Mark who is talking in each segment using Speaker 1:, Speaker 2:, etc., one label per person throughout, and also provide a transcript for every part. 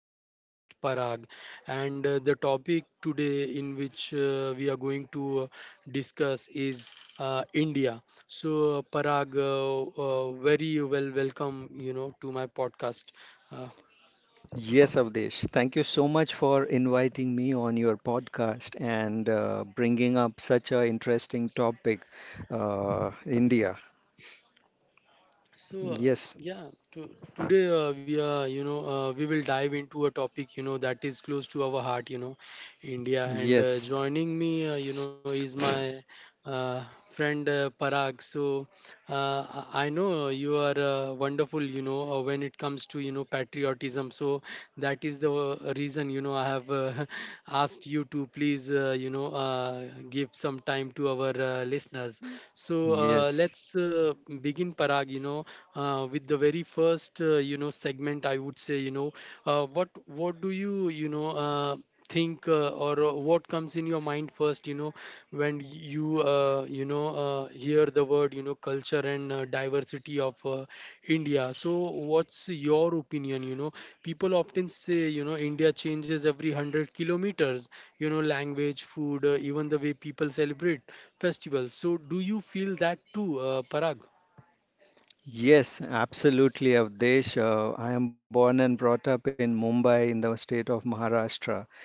Speaker 1: wonderful guest Parag, and the topic today in which we are going to discuss is India. So Parag, very well welcome to my podcast. Uh,
Speaker 2: Yes, Avdesh. Thank you so much for inviting me on your podcast and bringing up such an interesting topic, India.
Speaker 1: So uh,
Speaker 2: Yes,
Speaker 1: yeah, to, today we are we will dive into a topic that is close to our heart, India and
Speaker 2: yes,
Speaker 1: joining me is my friend Parag. So uh, I know you are wonderful when it comes to patriotism. So that is the reason I have asked you to please give some time to our listeners. So uh,
Speaker 2: yes.
Speaker 1: let's uh, begin, Parag. You know, with the very first segment, I would say, you know, what do you you know think or what comes in your mind first? You know, when you you know hear the word culture and diversity of India. So what's your opinion? You know, people often say India changes every 100 kilometers. You know, language, food, even the way people celebrate festivals. So, do you feel that too, Parag?
Speaker 2: Yes, absolutely, Avdesh. I am born and brought up in Mumbai in the state of Maharashtra.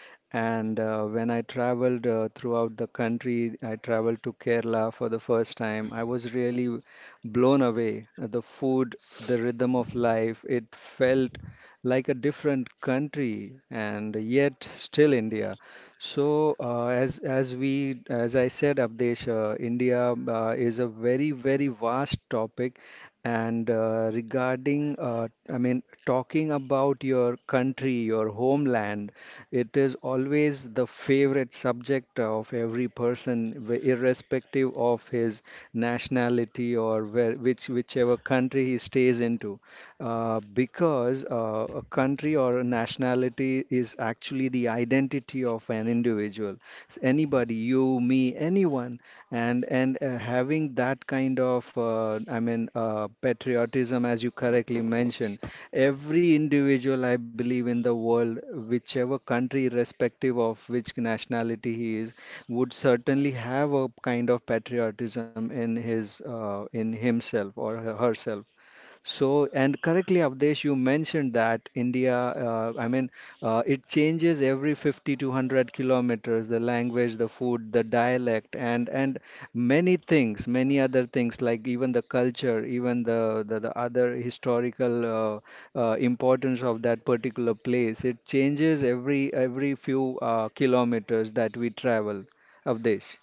Speaker 2: And when I traveled throughout the country, I traveled to Kerala for the first time. I was really blown away. The food, the rhythm of life, it felt like a different country and yet still India. So as I said, Abdesh, India is a very vast topic and talking about your country, your homeland, it is always the favorite subject of every person, irrespective of his nationality or whichever country he stays into. Because a country or a nationality is actually the identity of an individual. Anybody, you, me, anyone and having that kind of patriotism, as you correctly mentioned, every individual, I believe, in the world, whichever country, irrespective of which nationality he is, would certainly have a kind of patriotism in his in himself or herself. So, and correctly, Avdesh, you mentioned that India, it changes every 50 to 100 kilometers, the language, the food, the dialect, and many things, many other things, like even the culture, even the other historical importance of that particular place. It changes every few kilometers that we travel, Avdesh.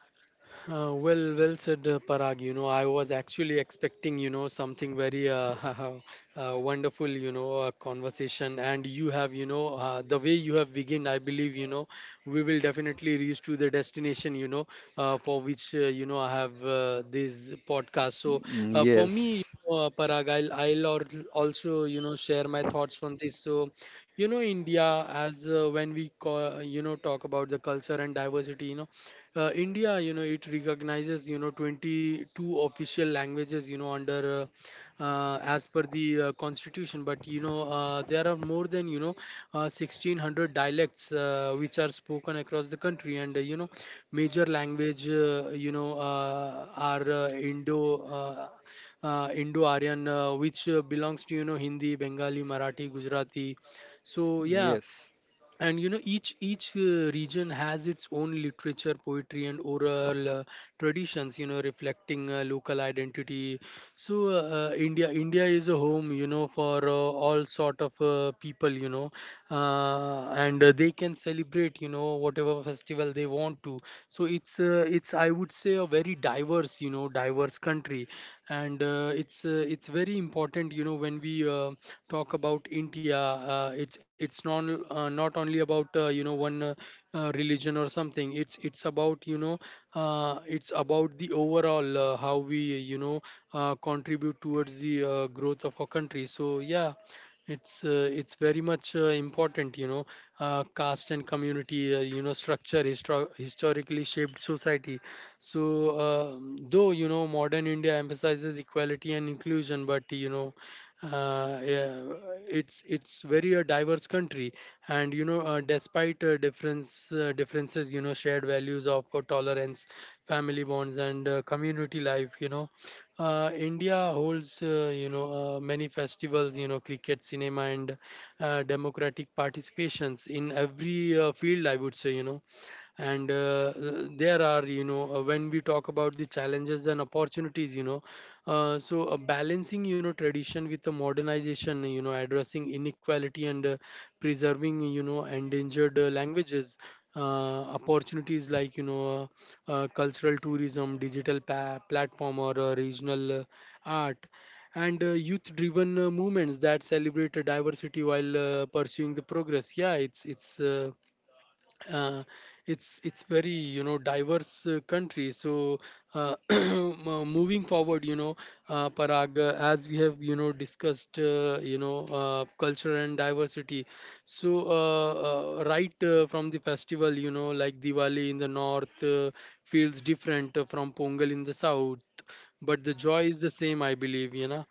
Speaker 1: Well, said, Parag. You know, I was actually expecting, you know, something very wonderful, you know, conversation. And you have, you know, the way you have begun, I believe, you know, we will definitely reach to the destination, you know, for which, you know, I have this podcast. So
Speaker 2: Mm,
Speaker 1: for me,
Speaker 2: yes,
Speaker 1: Parag, also, you know, share my thoughts on this. So, you know, India, as when we call, you know, talk about the culture and diversity, you know, India, you know, it recognizes, you know, 22 official languages, you know, under as per the constitution. But you know, there are more than 1600 dialects which are spoken across the country, and you know, major language, are Indo-Aryan, which belongs to Hindi, Bengali, Marathi, Gujarati. So yeah,
Speaker 2: yes,
Speaker 1: and you know each region has its own literature, poetry and oral traditions, reflecting local identity. India is a home for all sort of people, and they can celebrate, whatever festival they want to. So it's uh, it's I would say a very diverse you know diverse country, and it's very important when we talk about India. It's not not only about one religion or something. It's about, you know, it's about the overall how we, you know, contribute towards the growth of our country. So yeah, it's very much important, you know. Caste and community structure historically shaped society. So, though, you know, modern India emphasizes equality and inclusion, but you know, yeah, it's very a diverse country, and you know, despite differences, you know, shared values of tolerance, family bonds, and community life, India holds many festivals, you know, cricket, cinema, and democratic participations in every field. I would say, you know. And there are, you know, when we talk about the challenges and opportunities, balancing, you know, tradition with the modernization, you know, addressing inequality and preserving, you know, endangered languages. Opportunities like, you know, cultural tourism, digital platform or regional art, and youth driven movements that celebrate diversity while pursuing the progress. Yeah it's it's uh, uh, it's it's very, you know, diverse country. So moving forward, you know, Parag, as we have, you know, discussed, culture and diversity. So right from the festival, you know, like Diwali in the north, feels different from Pongal in the south, but the joy is the same, I believe, you know.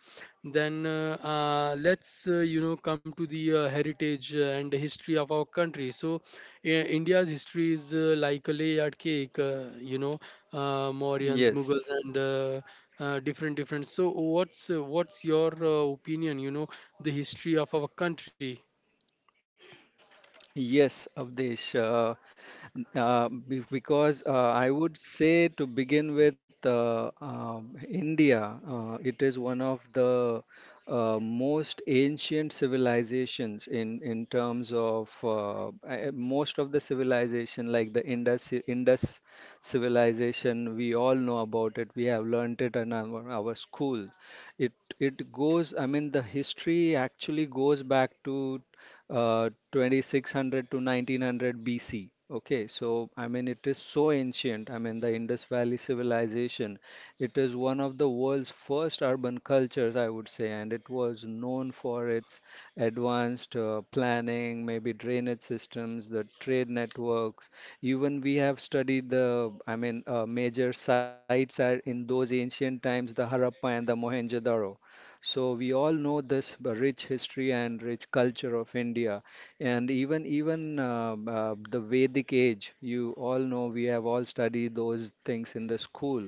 Speaker 1: Then let's, you know, come to the heritage and history of our country. So India's history is like a layered cake. You know, Mauryans, Mughals,
Speaker 2: yes.
Speaker 1: and different. So what's your opinion, you know, the history of our country?
Speaker 2: Yes, Avdesh. Be- because I would say, to begin with, India, it is one of the most ancient civilizations in terms of most of the civilization, like the Indus civilization. We all know about it. We have learnt it in our school. It it goes. I mean, the history actually goes back to 2600 to 1900 BC. Okay, so I mean, it is so ancient. I mean, the Indus Valley civilization, it is one of the world's first urban cultures, I would say, and it was known for its advanced planning, maybe drainage systems, the trade networks. Even we have studied major sites are in those ancient times, the Harappa and the Mohenjo-daro. So we all know this rich history and rich culture of India, and even even the Vedic age. You all know, we have all studied those things in the school,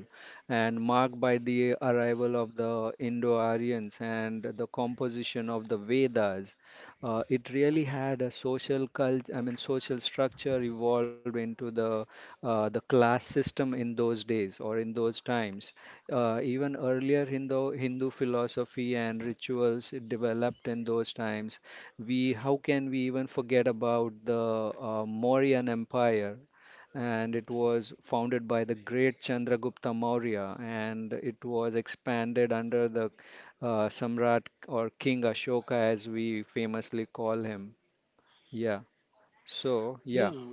Speaker 2: and marked by the arrival of the Indo-Aryans and the composition of the Vedas. It really had a social cult, I mean, social structure evolved into the class system in those days or in those times, even earlier. Hindu philosophy and rituals developed in those times. We, how can we even forget about the Mauryan Empire? And it was founded by the great Chandragupta Maurya, and it was expanded under the Samrat or King Ashoka, as we famously call him. Yeah. So yeah.
Speaker 1: Yeah.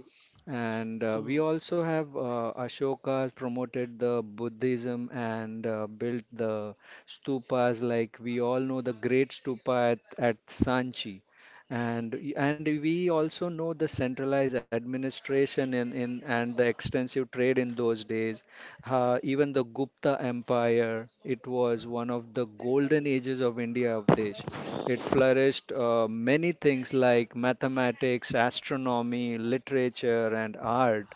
Speaker 2: And
Speaker 1: So
Speaker 2: we also have Ashoka promoted the Buddhism and built the stupas, like we all know the great stupa at Sanchi. And and we also know the centralized administration in and the extensive trade in those days. Even the Gupta Empire, it was one of the golden ages of India of Desh. It flourished many things like mathematics, astronomy, literature, and art.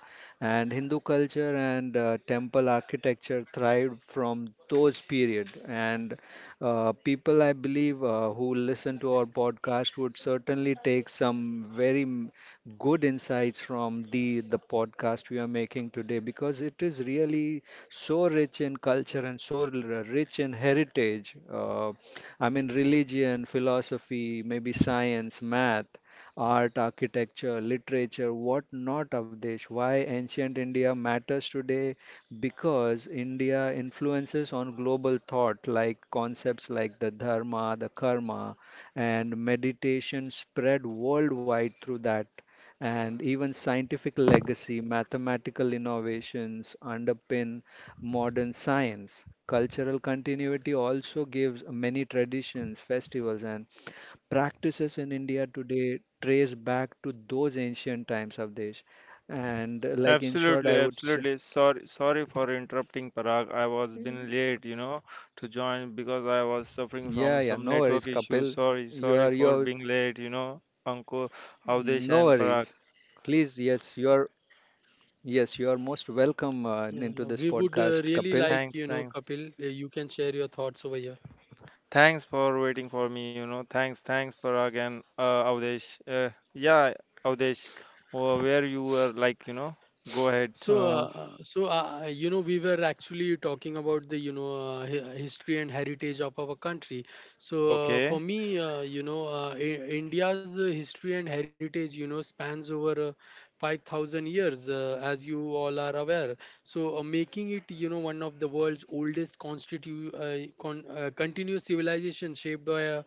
Speaker 2: And Hindu culture and temple architecture thrived from those period. And people, I believe, who listen to our podcast would certainly take some very good insights from the podcast we are making today, because it is really so rich in culture and so rich in heritage. I mean, religion, philosophy, maybe science, math, art, architecture, literature, what not, Avdesh? Why ancient India matters today? Because India influences on global thought, like concepts like the dharma, the karma, and meditation spread worldwide through that. And even scientific legacy, mathematical innovations underpin modern science. Cultural continuity also gives many traditions, festivals, and practices in India today trace back to those ancient times of this. And like in short, I
Speaker 3: Absolutely,
Speaker 2: would say,
Speaker 3: absolutely. Sorry for interrupting, Parag. I was been late, to join
Speaker 2: yeah,
Speaker 3: because
Speaker 2: yeah,
Speaker 3: I
Speaker 2: no
Speaker 3: was
Speaker 2: worries,
Speaker 3: suffering from
Speaker 2: Kapil.
Speaker 3: some network
Speaker 2: You
Speaker 3: issues.
Speaker 2: are,
Speaker 3: Sorry for being late, Anko,
Speaker 2: no worries.
Speaker 3: Avdesh and Parag.
Speaker 2: Please, yes, yes, you are most welcome
Speaker 1: yeah,
Speaker 2: into
Speaker 1: we
Speaker 2: this
Speaker 1: would
Speaker 2: podcast,
Speaker 1: really like,
Speaker 2: Kapil.
Speaker 1: you know,
Speaker 3: Thanks,
Speaker 1: Kapil.
Speaker 3: thanks.
Speaker 1: You can share your thoughts over here.
Speaker 3: Thanks for waiting for me, Thanks, Parag and Avdesh. Yeah, Avdesh, where you were go ahead.
Speaker 1: So,
Speaker 2: Uh,
Speaker 1: uh, so uh, uh, you know, we were actually talking about the, you know, history and heritage of our country. So, for
Speaker 3: Okay.
Speaker 1: me, you know, India's history and heritage, you know, spans over 5,000 years, as you all are aware. So, making it, you know, one of the world's oldest continuous civilization, shaped by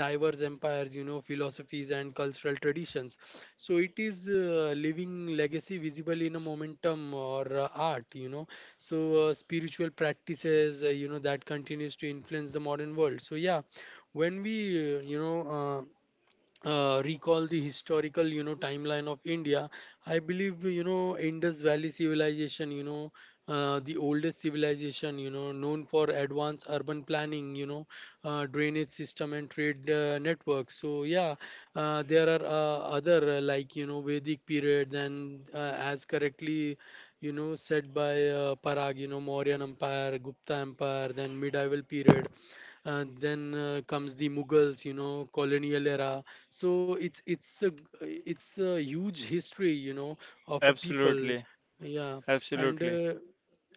Speaker 1: diverse empires, you know, philosophies and cultural traditions. So it is living legacy visible in a momentum or art, you know. So spiritual practices you know that continues to influence the modern world. So yeah, when we recall the historical, you know, timeline of India, I believe, you know, Indus Valley civilization, you know, the oldest civilization, you know, known for advanced urban planning, you know, drainage system and trade networks. So yeah, there are other, like, you know, Vedic period and as correctly, you know, said by Parag, you know, Mauryan empire, Gupta empire, then medieval period, then comes the Mughals, you know, colonial era. So it's a huge history, you know, of a people.
Speaker 3: Absolutely,
Speaker 1: Yeah. And
Speaker 3: absolutely.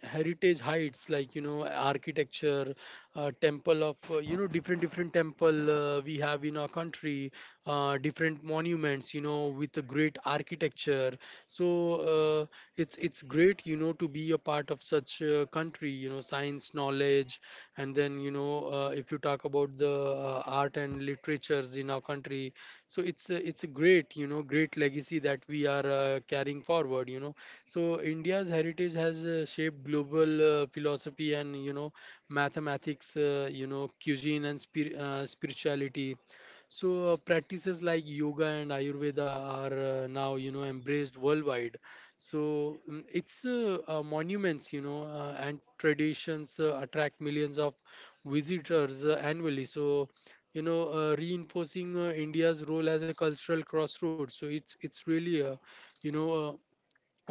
Speaker 1: heritage heights like, you know, architecture, temple of, you know, different temple we have in our country, different monuments, you know, with a great architecture. So uh, it's great, you know, to be a part of such a country. You know, science, knowledge, and then, you know, if you talk about the art and literatures in our country, so it's a great, you know, great legacy that we are carrying forward, you know. So India's heritage has shaped global philosophy and, you know, mathematics, you know, cuisine and spirituality. So practices like yoga and Ayurveda are now, you know, embraced worldwide. So mm, it's monuments, you know, and traditions attract millions of visitors annually. So, you know, reinforcing India's role as a cultural crossroads. So it's really a, you know,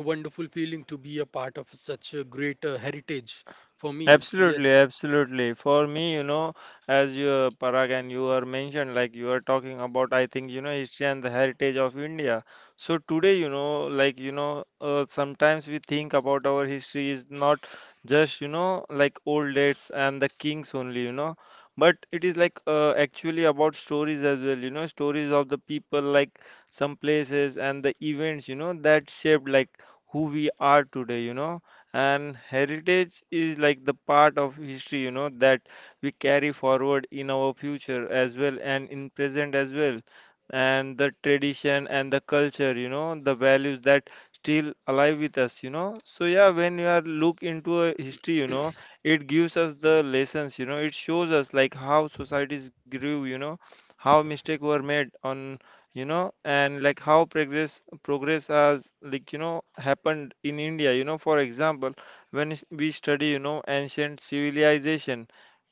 Speaker 1: a wonderful feeling to be a part of such a great heritage for me.
Speaker 3: Absolutely,
Speaker 1: Yes.
Speaker 3: absolutely. For me, as you, Parag, and you are mentioned, like you are talking about, I think, history and the heritage of India. So today, sometimes we think about our history is not just, like old dates and the kings only, but it is like actually about stories as well, stories of the people, like some places and the events, that shaped like who we are today, and heritage is like the part of history that we carry forward in our future as well and in present as well, and the tradition and the culture, the values that still alive with us. So yeah, when you are look into a history, it gives us the lessons. It shows us like how societies grew, how mistakes were made on, and like how progress has happened in India. For example, we study ancient civilization.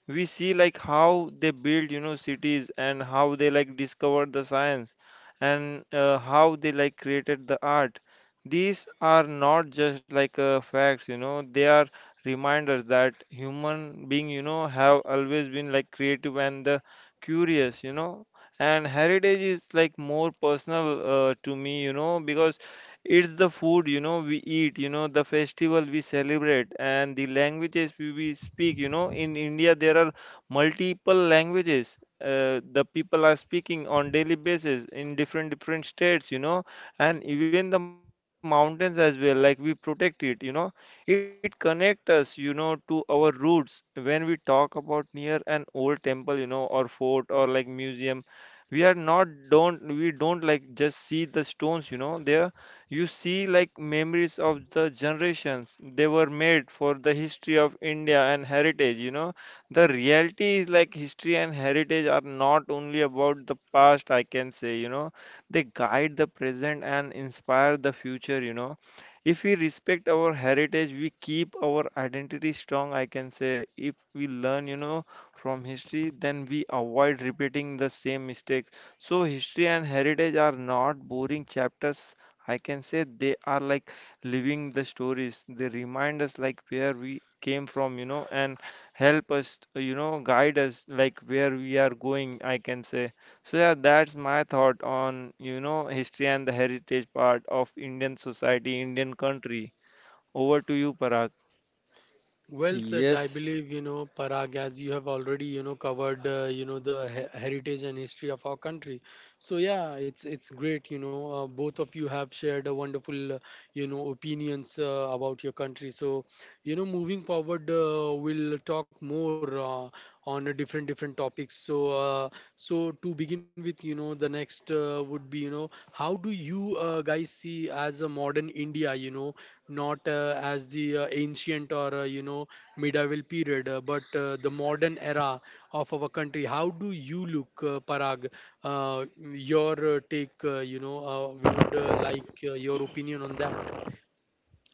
Speaker 3: We see like how they build cities and how they like discovered the science, and how they like created the art. These are not just like facts, they are reminders that human being have always been like creative and the curious. And heritage is like more personal to me, because it's the food, we eat, the festival we celebrate, and the languages we speak. You know, in India, there are multiple languages. The people are speaking on daily basis in different states, and even the mountains as well. Like we protect it, it connects us, to our roots. When we talk about near an old temple, or fort or like museum, we are not don't we don't like just see the stones, there you see, like memories of the generations, they were made for the history of India and heritage. You know, the reality is like history and heritage are not only about the past, I can say, they guide the present and inspire the future. You know, if we respect our heritage, we keep our identity strong, I can say. If we learn, from history, then we avoid repeating the same mistakes. So, history and heritage are not boring chapters, I can say they are like living the stories. They remind us like where we came from, and help us, guide us like where we are going, I can say. So yeah, that's my thought on, history and the heritage part of Indian society, Indian country. Over to you, Parag.
Speaker 1: Well said. I
Speaker 2: yes.
Speaker 1: believe, you know, Parag, as you have already, you know, covered, you know, the heritage and history of our country. So yeah, it's great, you know, both of you have shared a wonderful, you know, opinions about your country. So, you know, moving forward, we'll talk more on a different topics. So, to begin with, you know, the next would be, you know, how do you guys see as a modern India, you know? Not as the ancient or medieval period, but the modern era of our country. How do you look, Parag? uh, your take, we would like your opinion on that.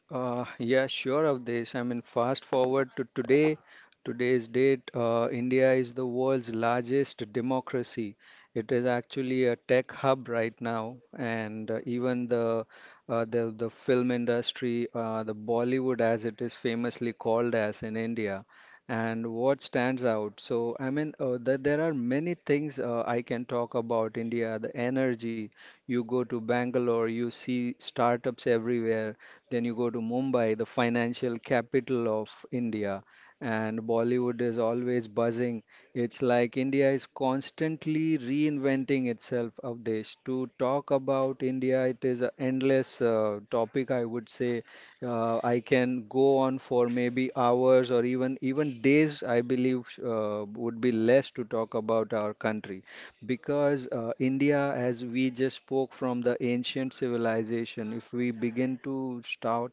Speaker 2: Yeah, sure of this. I mean, fast forward to today. Today's date, India is the world's largest democracy. It is actually a tech hub right now, and even the the film industry, the Bollywood, as it is famously called as in India. And what stands out? So, I mean, there are many things I can talk about India. The energy. You go to Bangalore, you see startups everywhere, then you go to Mumbai, the financial capital of India, and Bollywood is always buzzing. It's like India is constantly reinventing itself, Avdesh. To talk about India, it is an endless topic, I would say. I can go on for maybe hours or even days, I believe, would be less to talk about our country. Because India, as we just spoke from the ancient civilization, if we begin to start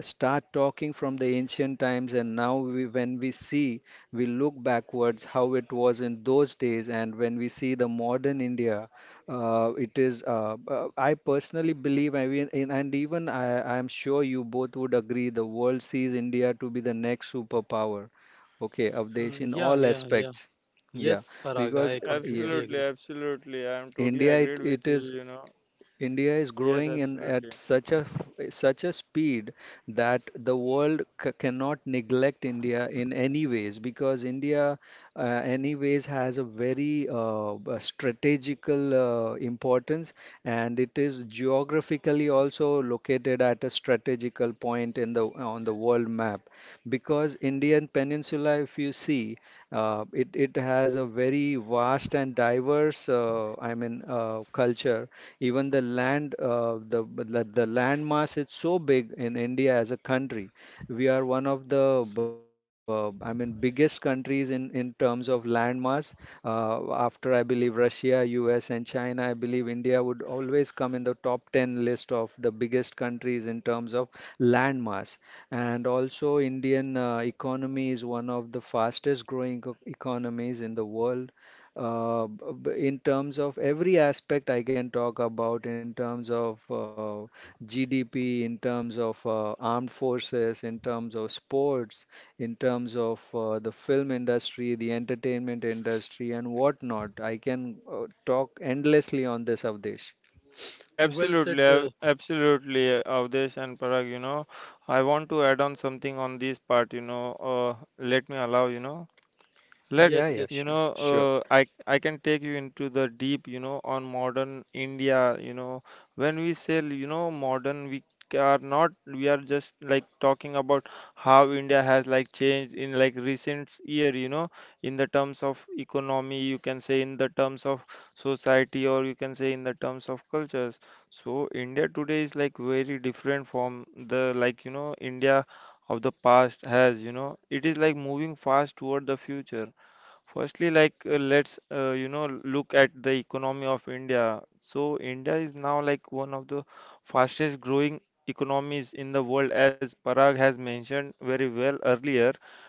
Speaker 2: start talking from the ancient times, and now when we see, we look backwards how it was in those days, and when we see the modern India, it is. I personally believe, I mean, and I'm sure you both would agree, the world sees India to be the next superpower. Okay,
Speaker 1: uh,
Speaker 2: Avdesh, in
Speaker 1: yeah
Speaker 2: all
Speaker 1: yeah yeah
Speaker 2: aspects.
Speaker 1: yes,
Speaker 2: Yeah,
Speaker 1: Parag,
Speaker 2: because
Speaker 1: I
Speaker 2: yeah.
Speaker 1: completely
Speaker 3: Absolutely,
Speaker 1: agree.
Speaker 3: absolutely. I am totally
Speaker 2: India,
Speaker 3: agreed
Speaker 2: it,
Speaker 3: with you,
Speaker 2: it is
Speaker 3: you know.
Speaker 2: India is
Speaker 3: Yes,
Speaker 2: growing in
Speaker 3: absolutely.
Speaker 2: at such a such a speed that the world cannot neglect India in any ways, because India uh, anyways has a very strategical importance, and it is geographically also located at a strategical point in the on the world map, because Indian peninsula if you see, it has a very vast and diverse culture. Even the land, the land mass is so big in India as a country. We are one of the, biggest countries in terms of land mass. After I believe Russia, U.S. and China, I believe India would always come in the top 10 list of the biggest countries in terms of land mass. And also, Indian economy is one of the fastest growing economies in the world in terms of every aspect I can talk about, in terms of GDP, in terms of armed forces, in terms of sports, in terms of the film industry, the entertainment industry, and whatnot. I can talk endlessly on this, Avdesh.
Speaker 1: Well said.
Speaker 3: Absolutely, Avdesh and Parag, I want to add on something on this part, let me allow, you know.
Speaker 2: Yeah,
Speaker 3: Let's,
Speaker 1: Yes
Speaker 2: yeah,
Speaker 1: yes
Speaker 2: sure, sure.
Speaker 3: I can take you into the deep, on modern India, you know, when we say, modern, we are not, we are just like talking about how India has like changed in like recent year, in the terms of economy, you can say in the terms of society, or you can say in the terms of cultures. So India today is like very different from the like, India of the past has, it is like moving fast toward the future. Firstly, like let's look at the economy of India. So India is now like one of the fastest growing economies in the world, as Parag has mentioned very well earlier.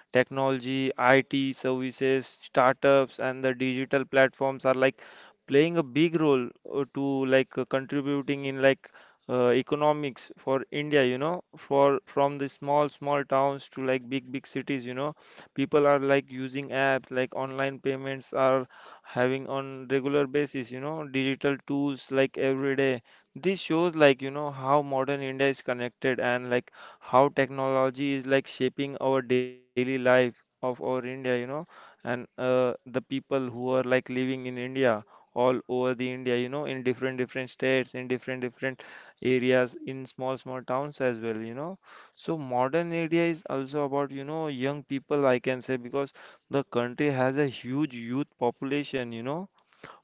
Speaker 3: Technology, IT services, startups, and the digital platforms are like playing a big role to like contributing in like economics for India. You know, for from the small towns to like big cities. You know, people are like using apps like online payments are having on regular basis, digital tools like every day. This shows like how modern India is connected and like how technology is like shaping our daily life of our India. And the people who are like living in India all over the India, in different states, in different areas, in small towns as well, you know. So modern India is also about, young people, I can say, because the country has a huge youth population,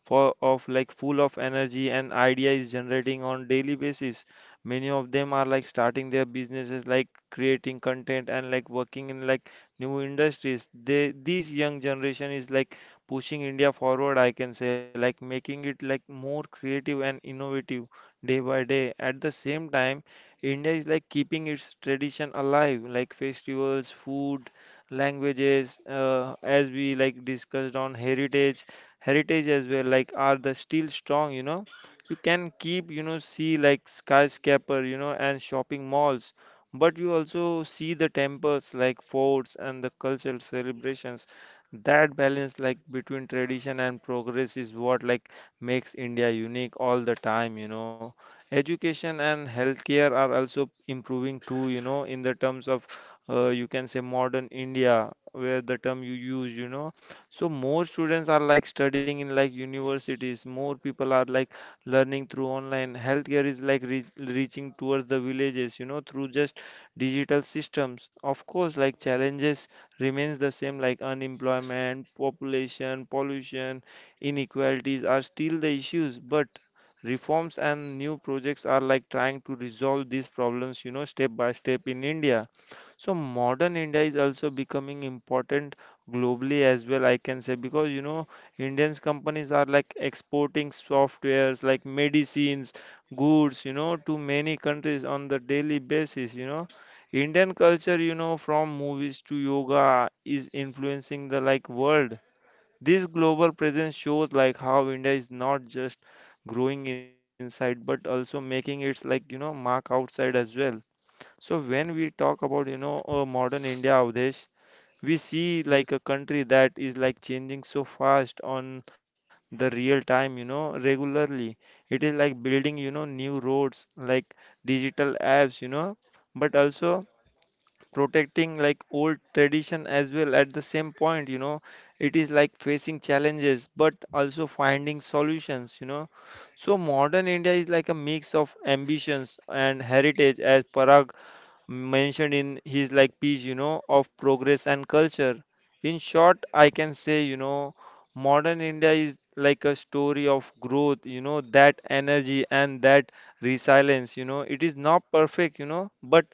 Speaker 3: for of like full of energy and idea is generating on daily basis. Many of them are like starting their businesses like creating content and like working in like new industries they This young generation is like pushing India forward, I can say, like making it like more creative and innovative day by day. At the same time, India is like keeping its tradition alive, like festivals, food, languages, as we like discussed on heritage as well, like are the still strong, you know. You can keep see like skyscraper and shopping malls, but you also see the temples, like forts and the cultural celebrations. That balance like between tradition and progress is what like makes India unique all the time, you know. Education and healthcare are also improving too, you know, in the terms of, you can say modern India, where the term you use, you know. So more students are like studying in like universities. More people are like learning through online. Healthcare is like reaching towards the villages, through just digital systems. Of course, like challenges remains the same, like unemployment, population, pollution, inequalities are still the issues, but reforms and new projects are like trying to resolve these problems, step by step in India. So modern India is also becoming important globally as well, I can say, because Indians companies are like exporting softwares like medicines goods, to many countries on the daily basis, you know. Indian culture, from movies to yoga, is influencing the like world. This global presence shows like how India is not just growing inside but also making its like mark outside as well. So when we talk about modern India, Avdesh, we see
Speaker 1: yes
Speaker 3: like a country that is like changing so fast on the real time, regularly. It is like building new roads like digital apps, but also protecting like old tradition as well at the same point, you know. It is like facing challenges but also finding solutions, you know. So modern India is like a mix of ambitions and heritage, as Parag mentioned in his like piece, of progress and culture. In short, I can say, modern India is like a story of growth, that energy and that resilience, it is not perfect, but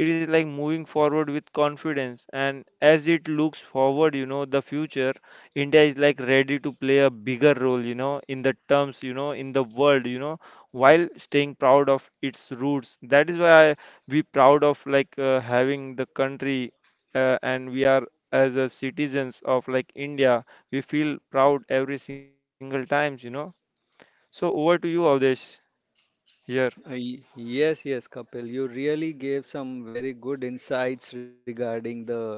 Speaker 3: it is like moving forward with confidence. And as it looks forward, the future, India is like ready to play a bigger role, in the terms, in the world, while staying proud of its roots. That is why I we proud of like having the country, and we are as a citizens of like India, we feel proud every single times, you know. So over to you, Avdesh, here.
Speaker 2: Yes, yes, Kapil, you really gave some very good insights regarding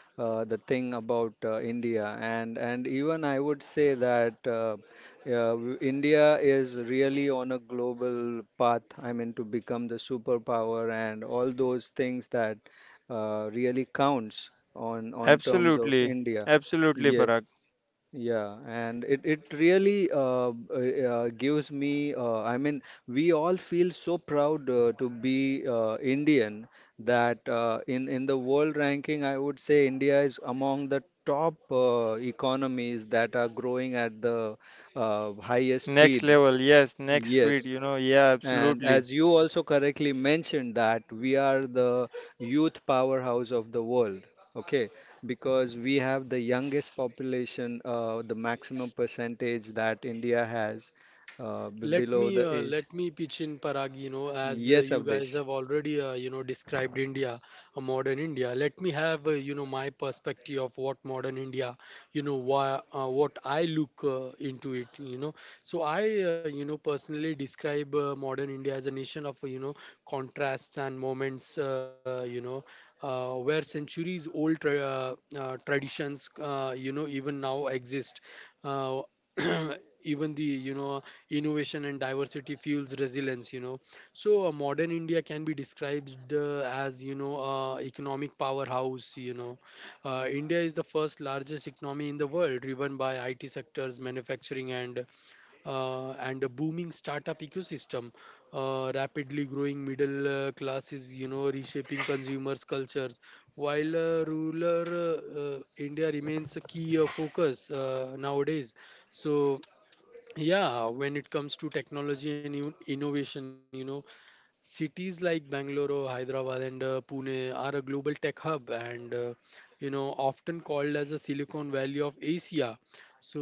Speaker 2: the thing about India, and even I would say that India is really on a global path. I mean, to become the superpower and all those things that really counts on terms of
Speaker 3: Absolutely,
Speaker 2: India.
Speaker 3: absolutely, Parag.
Speaker 2: Yes. Yeah, and it really gives me. I mean, we all feel so proud to be Indian, that in the world ranking, I would say India is among the top economies that are growing at the highest
Speaker 3: Next
Speaker 2: speed.
Speaker 3: level, yes, next speed,
Speaker 2: Yes.
Speaker 3: yeah,
Speaker 2: And
Speaker 3: absolutely.
Speaker 2: as you also correctly mentioned, that we are the youth powerhouse of the world, okay? Because we have the youngest
Speaker 3: Yes,
Speaker 2: population, the maximum percentage that India has below the age.
Speaker 1: Let me pitch in, Parag, you know, as
Speaker 2: Yes,
Speaker 1: you guys
Speaker 2: Avdesh.
Speaker 1: have already you know described India, a modern India. Let me have you know my perspective of what modern India, you know, why, what I look into it, you know. So I, you know, personally describe modern India as a nation of, you know, contrasts and moments, you know, where centuries old traditions, you know, even now exist. Uh, even the innovation and diversity fuels resilience. So modern india can be described as economic powerhouse. India is the first largest economy in the world, driven by it sectors, manufacturing, and a booming startup ecosystem, rapidly growing middle classes, reshaping consumers cultures, while rural, india remains a key focus nowadays. So, yeah, when it comes to technology and innovation, cities like Bangalore, Hyderabad, and Pune are a global tech hub, and you know, often called as the Silicon Valley of Asia. So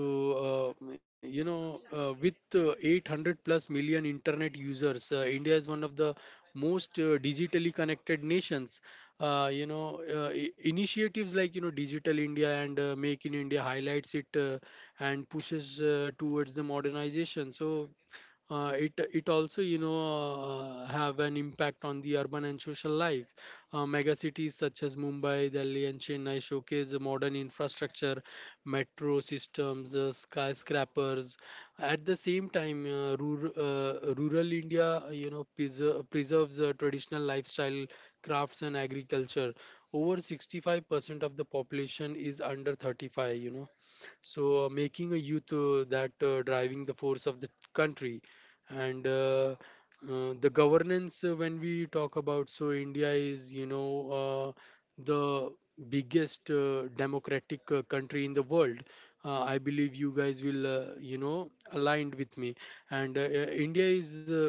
Speaker 1: uh, you know, uh, with uh, 800 plus million internet users, India is one of the most digitally connected nations. Initiatives like, you know, Digital India and Make in India highlights it and pushes towards the modernization. So it also, you know, have an impact on the urban and social life. Mega cities such as mumbai, delhi, and chennai showcase the modern infrastructure, metro systems, skyscrapers. At the same time, rural india, you know, preserves traditional lifestyle, crafts, and agriculture. Over 65% of the population is under 35, you know. So making a youth that driving the force of the country. And The governance, when we talk about, so india is, you know, uh, the biggest democratic country in the world. I believe you guys will, you know, aligned with me. And india is,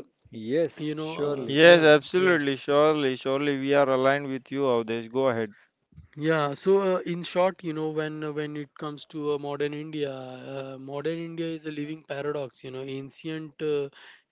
Speaker 1: you
Speaker 2: Yes,
Speaker 1: know.
Speaker 2: surely.
Speaker 1: Yeah.
Speaker 3: yes,
Speaker 1: Yeah.
Speaker 3: absolutely, surely, surely we are aligned with you, Avdesh. Go ahead.
Speaker 1: Yeah, so, in short, you know, when it comes to modern India is a living paradox. You know, ancient, uh,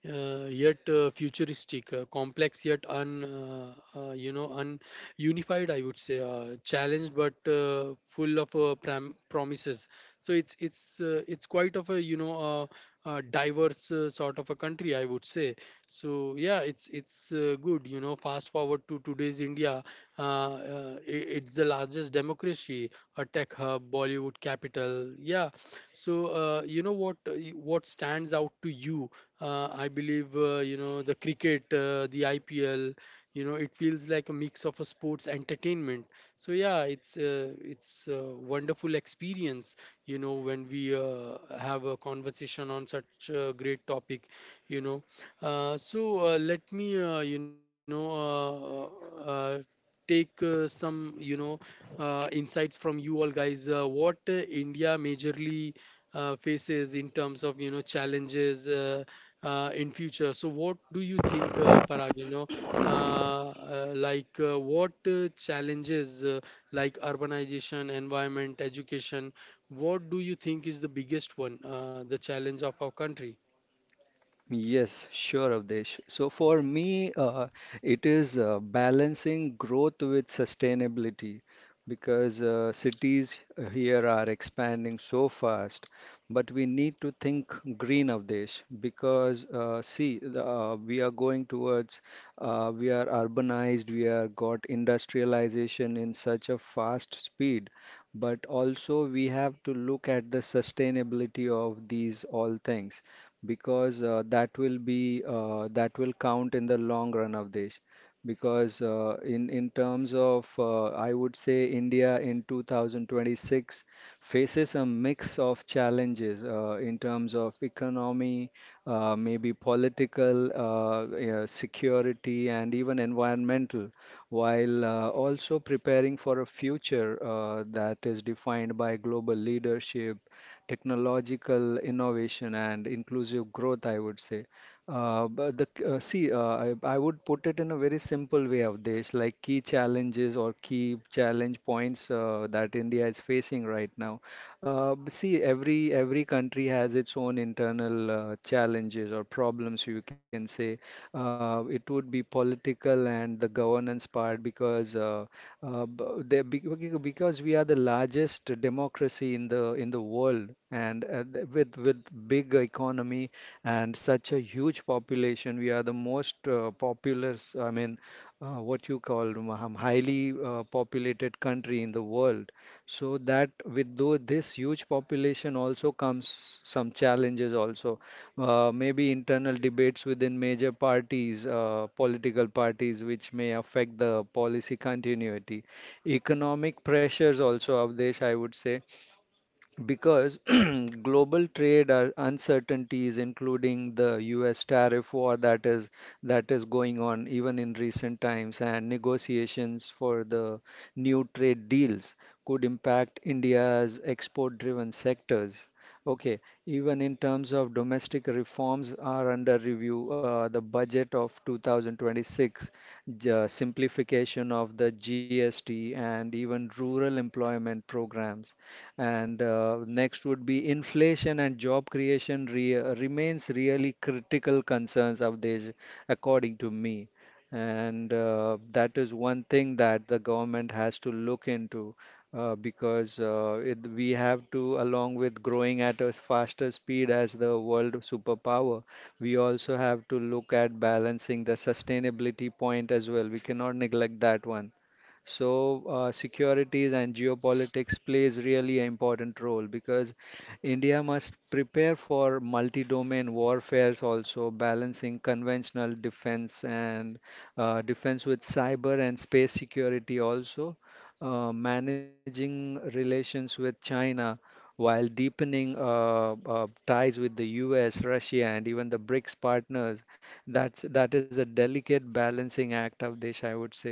Speaker 1: uh, yet futuristic, complex yet un you know, un unified. I would say challenged but full of pram promises. So it's quite of a, you know, diverse sort of a country, I would say. So yeah it's good, you know. Fast forward to today's india, it's the largest democracy, a tech hub, bollywood capital. Yeah. So, what stands out to you? I believe, you know, the cricket, the ipl. You know, it feels like a mix of a sports entertainment. So yeah, it's a wonderful experience, you know, when we have a conversation on such a great topic, you know. Uh, so let me you know take some, you know, insights from you all guys. What india majorly faces in terms of, you know, challenges in future? So what do you think, parag, you know, like, what challenges, like urbanization, environment, education, what do you think is the biggest one, the challenge of our country?
Speaker 2: Yes, sure, Avdesh. So for me, it is balancing growth with sustainability, because cities here are expanding so fast. But we need to think green, Avdesh, because we are going towards, we are urbanized, we are got industrialization in such a fast speed. But also we have to look at the sustainability of these all things, because that will be that will count in the long run of this, because in terms of, I would say, India in 2026 faces a mix of challenges in terms of economy, maybe political, yeah, security, and even environmental, while also preparing for a future that is defined by global leadership, technological innovation and inclusive growth, I would say. But the see, I would put it in a very simple way, of this, like key challenges or key challenge points that India is facing right now. See, every country has its own internal challenges or problems, you can say. It would be political and the governance part, because. Because we are the largest democracy in the world, and with big economy and such a huge population. We are the most populous. I mean, what you call hum- Highly populated country in the world. So that with though this huge population also comes some challenges also, maybe internal debates within major parties, political parties, which may affect the policy continuity. Economic pressures also, Avdesh, I would say, because global trade are uncertainties including the US tariff war that is going on even in recent times, and negotiations for the new trade deals could impact India's export driven sectors. Okay, even in terms of domestic reforms are under review, the budget of 2026, simplification of the GST, and even rural employment programs. And next would be inflation and job creation re remains really critical concerns of this, according to me. And that is one thing that the government has to look into, we have to, along with growing at a faster speed as the world superpower, we also have to look at balancing the sustainability point as well. We cannot neglect that one. So securities and geopolitics plays really an important role, because India must prepare for multi-domain warfares, also balancing conventional defense and defense with cyber and space security also. Managing relations with China while deepening ties with the US, Russia, and even the BRICS partners. That is a delicate balancing act of this, I would say.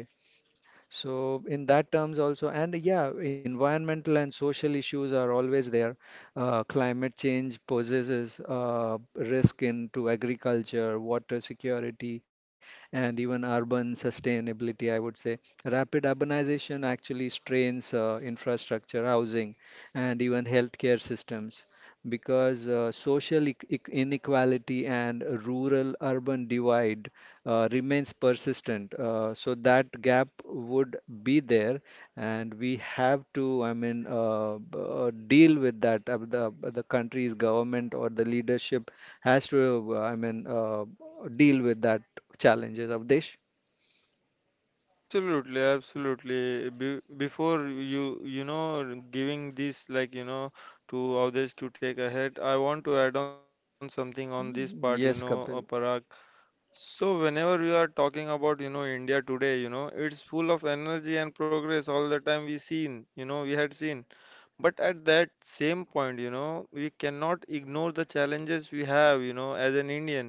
Speaker 2: So in that terms also. And yeah, environmental and social issues are always there. Climate change poses risk into agriculture, water security, and even urban sustainability, I would say. Rapid urbanization actually strains infrastructure, housing, and even healthcare systems. Because social inequality and rural-urban divide remains persistent. So that gap would be there, and we have to, deal with that. The country's government or the leadership has to, deal with that challenges. Avdesh?
Speaker 3: Absolutely, absolutely. Be before you, giving this like, to others to take ahead, I want to add on something on this part,
Speaker 2: Yes,
Speaker 3: Parag.
Speaker 2: Kapil.
Speaker 3: So whenever we are talking about, India today, it's full of energy and progress all the time we seen, we had seen. But at that same point, we cannot ignore the challenges we have, as an Indian.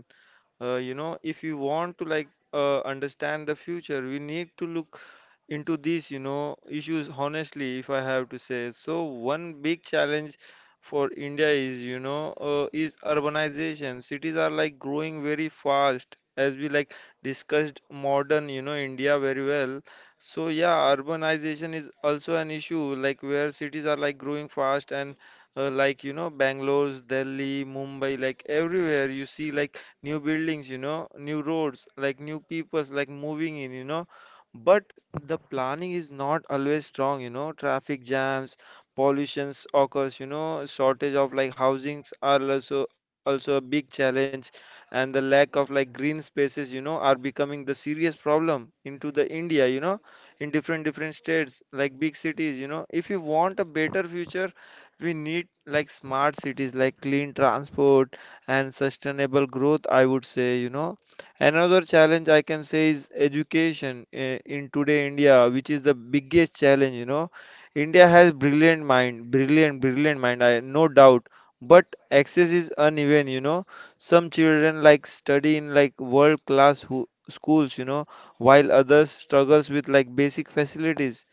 Speaker 3: If you want to like understand the future, we need to look into these issues honestly. If I have to say so, one big challenge for India is is urbanization. Cities are like growing very fast, as we like discussed. Modern India very well. So yeah, urbanization is also an issue, like where cities are like growing fast and like Bangalore, Delhi, Mumbai, like everywhere you see like new buildings, new roads, like new peoples, like moving in, you know. But the planning is not always strong, you know. Traffic jams, pollutions occurs, you know, shortage of like housings are also a big challenge, and the lack of like green spaces, you know, are becoming the serious problem into the India, you know, in different different states, like big cities, you know. If you want a better future, we need like smart cities, like clean transport and sustainable growth, I would say, you know. Another challenge I can say is education in today India, which is the biggest challenge, you know. India has brilliant mind, brilliant mind, I no doubt. But access is uneven, you know. Some children like study in like world class who schools, you know, while others struggles with like basic facilities.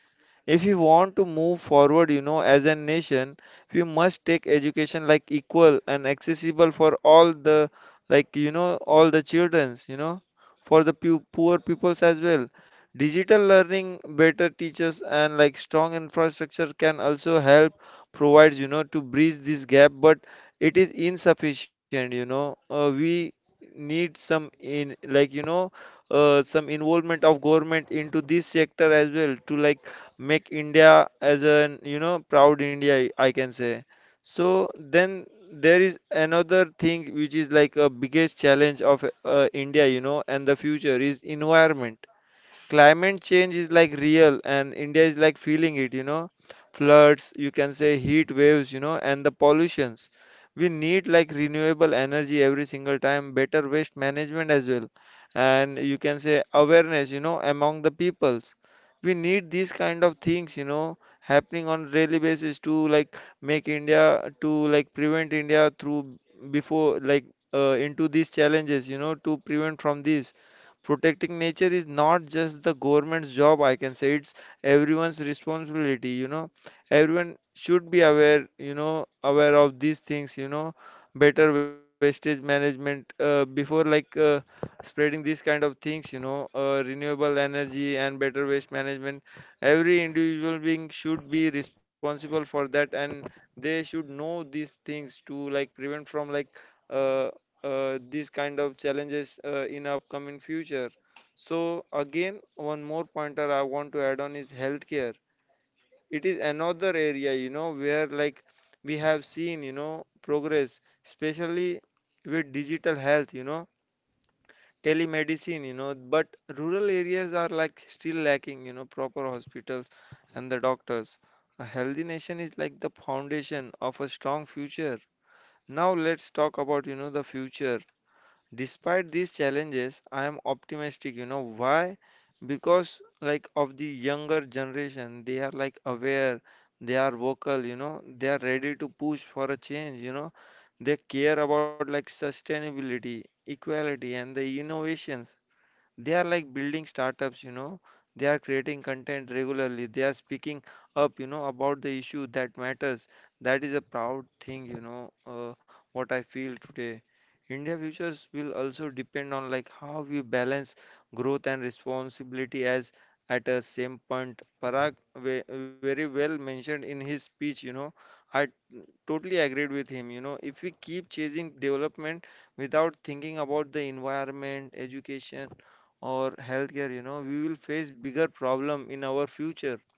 Speaker 3: If we want to move forward, you know, as a nation, we must take education like equal and accessible for all the, like, you know, all the childrens, you know, for the pu poor peoples as well. Digital learning, better teachers, and like strong infrastructure can also help provides, you know, to bridge this gap, but it is insufficient, you know. We need some in, like, you know, some involvement of government into this sector as well to like make India as an proud India, I can say. So then there is another thing which is like a biggest challenge of India, you know, and the future is environment. Climate change is like real, and India is like feeling it, you know. Floods, you can say heat waves, you know, and the pollutions. We need like renewable energy every single time, better waste management as well, and you can say awareness, you know, among the peoples. We need these kind of things, you know, happening on daily basis to like make India to like prevent India through before like into these challenges, you know, to prevent from this. Protecting nature is not just the government's job, I can say. It's everyone's responsibility, you know. Everyone should be aware, you know, aware of these things, you know. Better wastage management, before like spreading these kind of things, you know, renewable energy and better waste management. Every individual being should be responsible for that, and they should know these things to like prevent from like uh, these kind of challenges in upcoming future. So again, one more pointer I want to add on is healthcare. It is another area, you know, where like we have seen, you know, progress, especially with digital health, you know, telemedicine, you know. But rural areas are like still lacking, you know, proper hospitals and the doctors. A healthy nation is like the foundation of a strong future. Now let's talk about, you know, the future. Despite these challenges, I am optimistic. You know why? Because like of the younger generation, they are like aware, they are vocal, you know, they are ready to push for a change, you know. They care about like sustainability, equality, and the innovations. They are like building startups, you know. They are creating content regularly. They are speaking up, you know, about the issue that matters. That is a proud thing, you know, what I feel today. India futures will also depend on like how we balance growth and responsibility as at a same point. Very well mentioned in his speech, you know, I totally agreed with him. You know, if we keep chasing development without thinking about the environment, education, or healthcare, you know, we will face bigger problem in our future.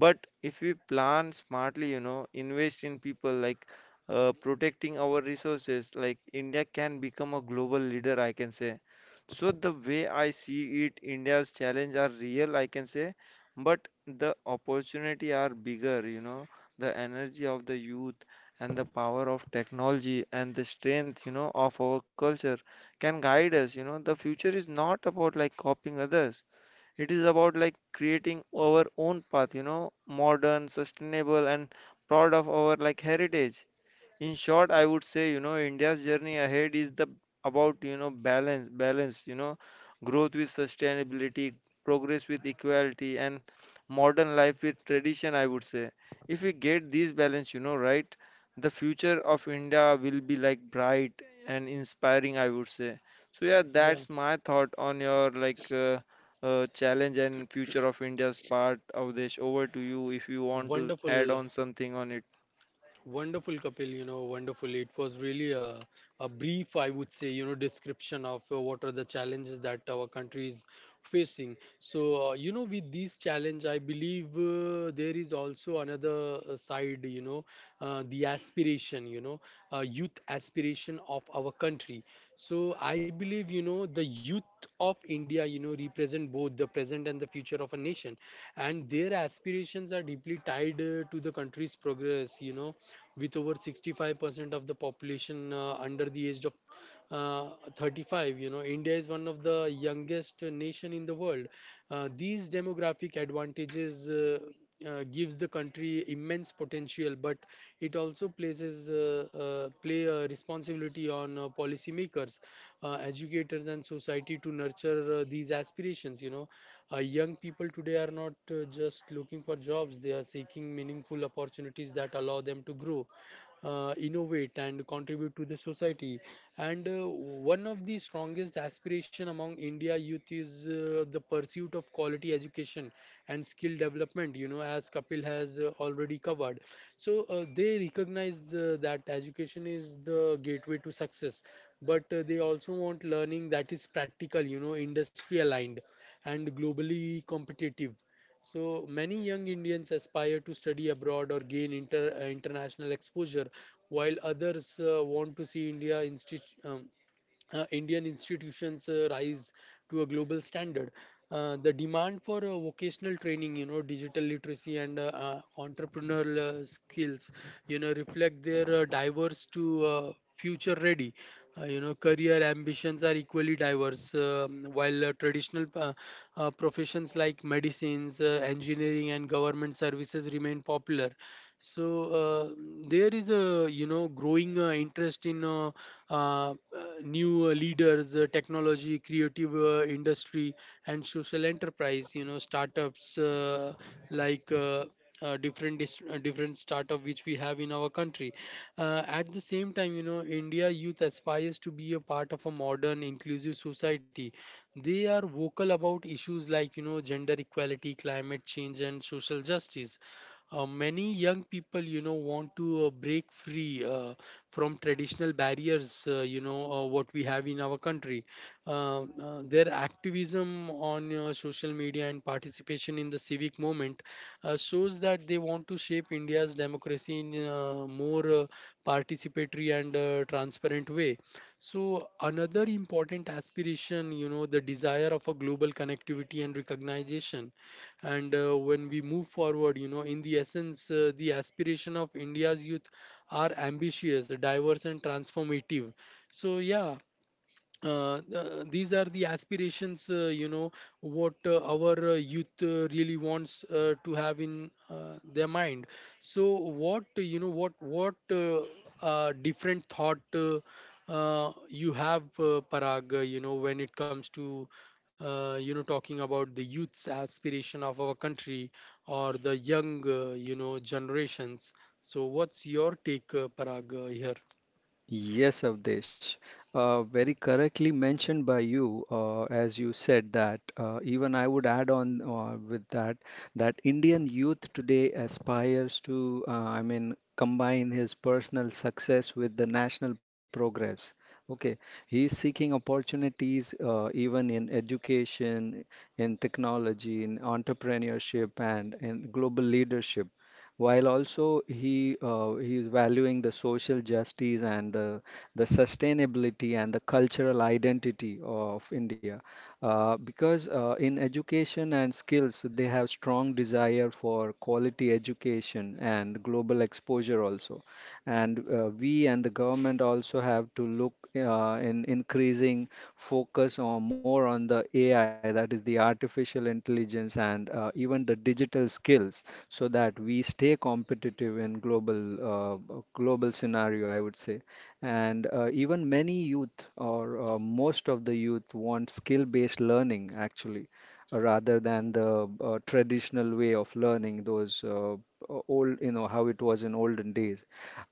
Speaker 3: But if we plan smartly, you know, invest in people like protecting our resources, like India can become a global leader, I can say. So the way I see it, India's challenge are real, I can say, but the opportunity are bigger, you know, the energy of the youth and the power of technology and the strength, you know, of our culture can guide us, you know. The future is not about like copying others. It is about like creating our own path, you know, modern, sustainable, and proud of our like heritage. In short, I would say, you know, India's journey ahead is the about, you know, balance, you know, growth with sustainability, progress with equality, and modern life with tradition, I would say. If we get this balance, you know, right, the future of India will be like bright and inspiring, I would say. So yeah,
Speaker 1: Yeah,
Speaker 3: that's my thought on your like challenge and future of India's part, Avdesh. Over to you if you want to
Speaker 1: wonderful,
Speaker 3: add on something on it.
Speaker 1: wonderful, Kapil. You know, wonderful. It was really a brief, I would say, you know, description of what are the challenges that our country is facing. So you know, with this challenge, I believe there is also another side, you know, the aspiration, you know, youth aspiration of our country. So I believe, you know, the youth of india, you know, represent both the present and the future of a nation, and their aspirations are deeply tied to the country's progress, you know. With over 65% of the population under the age of uh, 35, you know, india is one of the youngest nation in the world. These demographic advantages, gives the country immense potential, but it also places, play a responsibility on policymakers, educators, and society to nurture these aspirations, you know. Young people today are not just looking for jobs, they are seeking meaningful opportunities that allow them to grow, innovate, and contribute to the society. And one of the strongest aspiration among india youth is the pursuit of quality education and skill development, you know, as kapil has already covered. So they recognize the, that education is the gateway to success, but they also want learning that is practical, you know, industry aligned, and globally competitive. So many young Indians aspire to study abroad or gain international exposure, while others want to see Indian institutions rise to a global standard. The demand for vocational training, you know, digital literacy, and entrepreneurial skills, you know, reflect their diverse to future ready. You know, career ambitions are equally diverse. While traditional, professions like medicines, engineering, and government services remain popular, so uh, there is a, you know, growing interest in, uh, uh, new leaders, technology, creative industry, and social enterprise, you know, startups, like different startup which we have in our country. At the same time, you know, india youth aspires to be a part of a modern inclusive society. They are vocal about issues like, you know, gender equality, climate change, and social justice. Many young people, you know, want to break free from traditional barriers, what we have in our country. Their activism on social media and participation in the civic movement shows that they want to shape India's democracy in a more participatory and transparent way. So, another important aspiration, you know, the desire of a global connectivity and recognition. And when we move forward, you know, in the essence, the aspiration of india's youth are ambitious, diverse, and transformative. So, yeah, these are the aspirations, you know, what our youth really wants to have in their mind. So what you know what different thought you have, parag, you know, when it comes to, you know, talking about the youth's aspiration of our country or the young, you know, generations. So what's your take, parag, here?
Speaker 2: Yes, Avdesh. Very correctly mentioned by you, as you said that. Even I would add on with that that Indian youth today aspires to, combine his personal success with the national progress. Okay, he is seeking opportunities even in education, in technology, in entrepreneurship, and in global leadership, while also he is valuing the social justice and the sustainability and the cultural identity of India. Because In education and skills, they have strong desire for quality education and global exposure also. And we and the government also have to look in increasing focus on more on the AI, that is the artificial intelligence, and even the digital skills, so that we stay competitive in global scenario, I would say. And even many youth or most of the youth want skill-based learning actually, rather than the traditional way of learning those old, you know, how it was in olden days.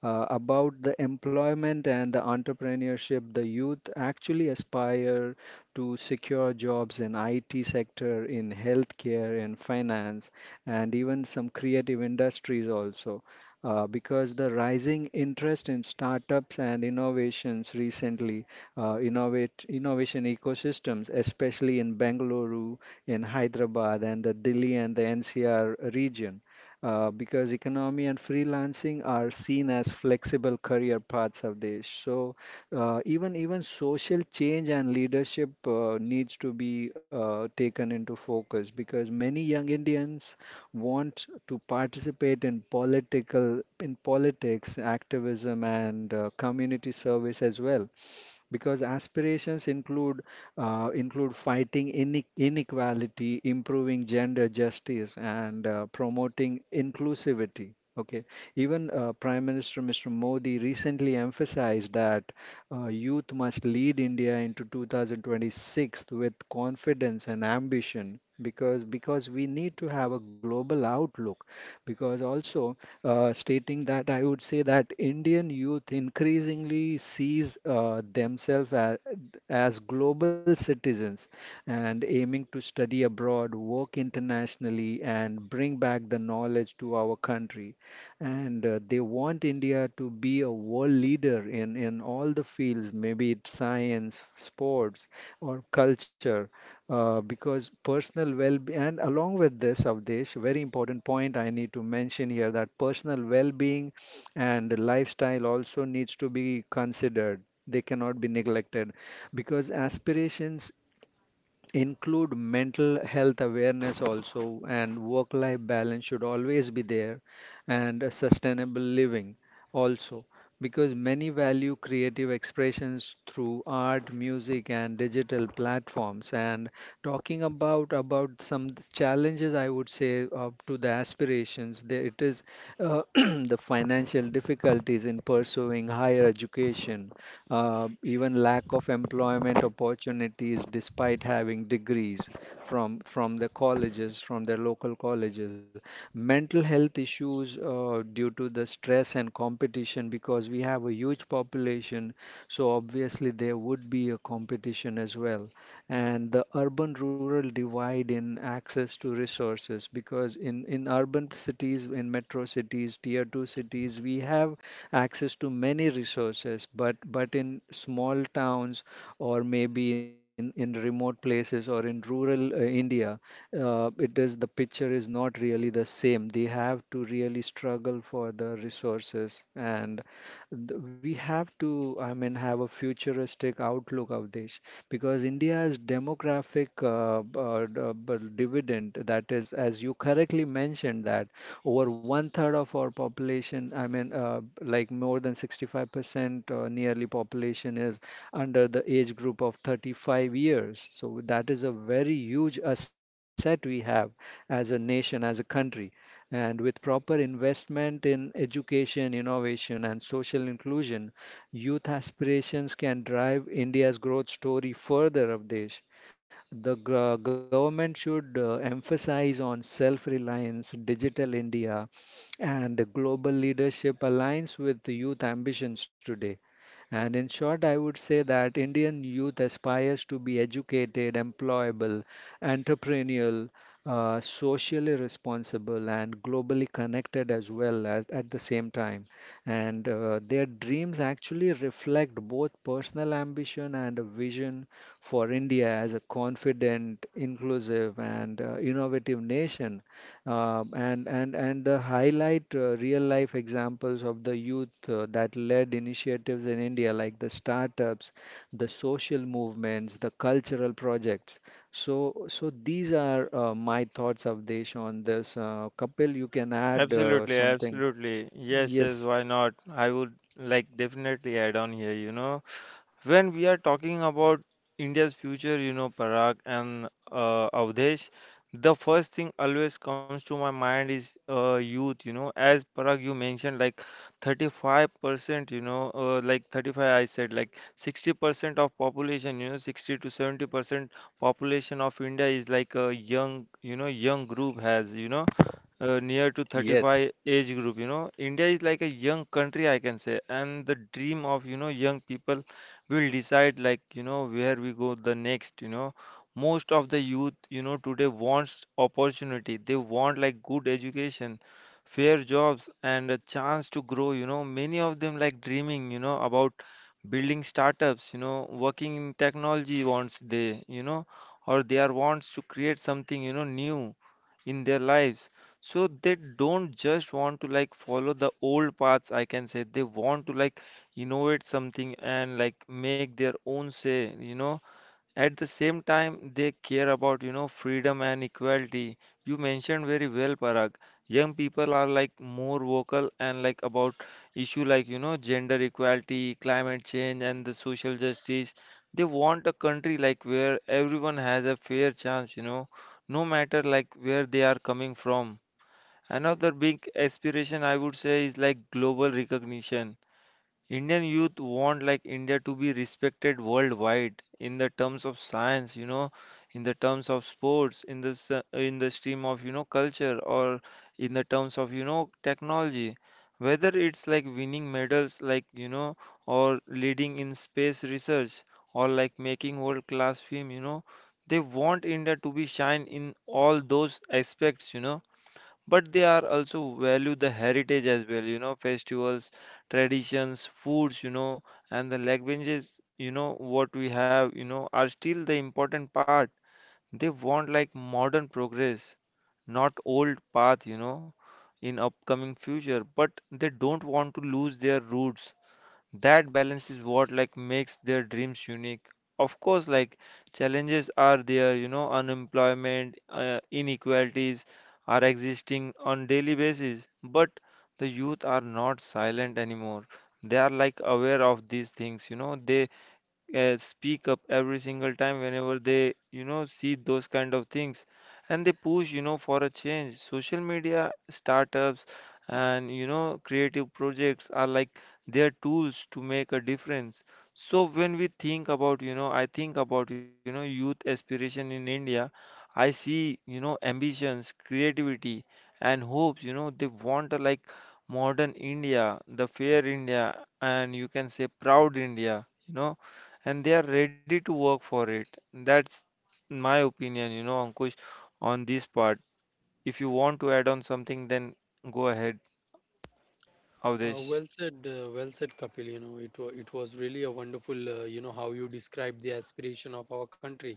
Speaker 2: About the employment and the entrepreneurship, the youth actually aspire to secure jobs in IT sector, in healthcare, in finance, and even some creative industries also, because the rising interest in startups and innovations recently, innovate innovation ecosystems especially in Bengaluru, in Hyderabad, and the Delhi and the NCR region, because economy and freelancing are seen as flexible career paths of this. So even social change and leadership needs to be taken into focus, because many young Indians want to participate in political in politics, activism, and community service as well, because aspirations include fighting inequality, improving gender justice, and promoting inclusivity. Okay, even Prime Minister Mr. Modi recently emphasized that youth must lead India into 2026 with confidence and ambition, because we need to have a global outlook, because also, stating that, I would say that Indian youth increasingly sees themselves as global citizens, and aiming to study abroad, work internationally, and bring back the knowledge to our country. And they want India to be a world leader in all the fields, maybe it's science, sports, or culture. Because Personal well-being, and along with this, Avdesh, very important point I need to mention here, that personal well-being and lifestyle also needs to be considered. They cannot be neglected, because aspirations include mental health awareness also, and work life balance should always be there, and a sustainable living also, because many value creative expressions through art, music, and digital platforms. And talking about some challenges, I would say, up to the aspirations there, it is, uh, the financial difficulties in pursuing higher education, even lack of employment opportunities despite having degrees from the colleges, from their local colleges, mental health issues due to the stress and competition, because we have a huge population, so obviously there would be a competition as well, and the urban rural divide in access to resources, because in urban cities, in metro cities, tier 2 cities, we have access to many resources, but in small towns, or maybe in remote places, or in rural India, it is the picture is not really the same. They have to really struggle for the resources, and we have to, I mean, have a futuristic outlook of this, because India's demographic dividend, that is, as you correctly mentioned, that over one third of our population, I mean, like more than 65% nearly population is under the age group of 35 years. So that is a very huge asset we have as a nation, as a country. And with proper investment in education, innovation, and social inclusion, youth aspirations can drive India's growth story further, Avdesh. The government should emphasize on self-reliance, digital India, and global leadership aligns with the youth ambitions today. And in short, I would say that Indian youth aspires to be educated, employable, entrepreneurial, socially responsible, and globally connected as well, at the same time. And their dreams actually reflect both personal ambition and a vision for India as a confident, inclusive, and innovative nation, and the highlight real life examples of the youth that led initiatives in India, like the startups, the social movements, the cultural projects. So these are my thoughts, Avdesh, on this. Kapil, you can add
Speaker 3: Absolutely,
Speaker 2: something.
Speaker 3: absolutely. Yes, yes,
Speaker 2: Yes,
Speaker 3: why not? I would like definitely add on here, you know. When we are talking about India's future, you know, Parag and Avdesh, the first thing always comes to my mind is youth, you know. As Parag, you mentioned, like 35%, you know, like 35, I said, like 60% of population, you know, 60 to 70% population of India is like a young, you know, young group has, near to
Speaker 2: yes,
Speaker 3: 35 age group, you know. India is like a young country, I can say, and the dream of, you know, young people will decide like, you know, where we go the next, you know. Most of the youth, you know, today wants opportunity. They want like good education, fair jobs, and a chance to grow, you know. Many of them like dreaming, you know, about building startups, you know, working in technology, wants they, you know, or they are wants to create something, you know, new in their lives. So they don't just want to like follow the old paths, I can say. They want to like innovate something and like make their own say, you know. At the same time, they care about, you know, freedom and equality. You mentioned very well, Parag. Young people are like more vocal and like about issue like, you know, gender equality, climate change, and the social justice. They want a country like where everyone has a fair chance, you know, no matter like where they are coming from. Another big aspiration I would say is like global recognition. Indian youth want like India to be respected worldwide in the terms of science, you know, in the terms of sports, in the stream of, you know, culture or in the terms of, you know, technology. Whether it's like winning medals, like, you know, or leading in space research or like making world class film, you know, they want India to be shine in all those aspects, you know. But they are also value the heritage as well, you know. Festivals, traditions, foods, you know, and the languages, you know, what we have, you know, are still the important part. They want like modern progress, not old path, you know, in upcoming future, but they don't want to lose their roots. That balance is what like makes their dreams unique. Of course, like challenges are there, you know. Unemployment, inequalities are existing on daily basis, but the youth are not silent anymore. They are like aware of these things, you know. They speak up every single time whenever they, you know, see those kind of things, and they push, you know, for a change. Social media, startups, and, you know, creative projects are like their tools to make a difference. So when we think about, you know, I think about, you know, youth aspiration in India, I see, you know, ambitions, creativity, and hopes, you know. They want a like modern India, the fair India, and you can say proud India, you know, and they are ready to work for it. That's my opinion, you know, Ankush, on this part. If you want to add on something, then go ahead, Avdesh.
Speaker 1: Well said, well said, Kapil. You know, it it was really a wonderful, you know, how you described the aspiration of our country.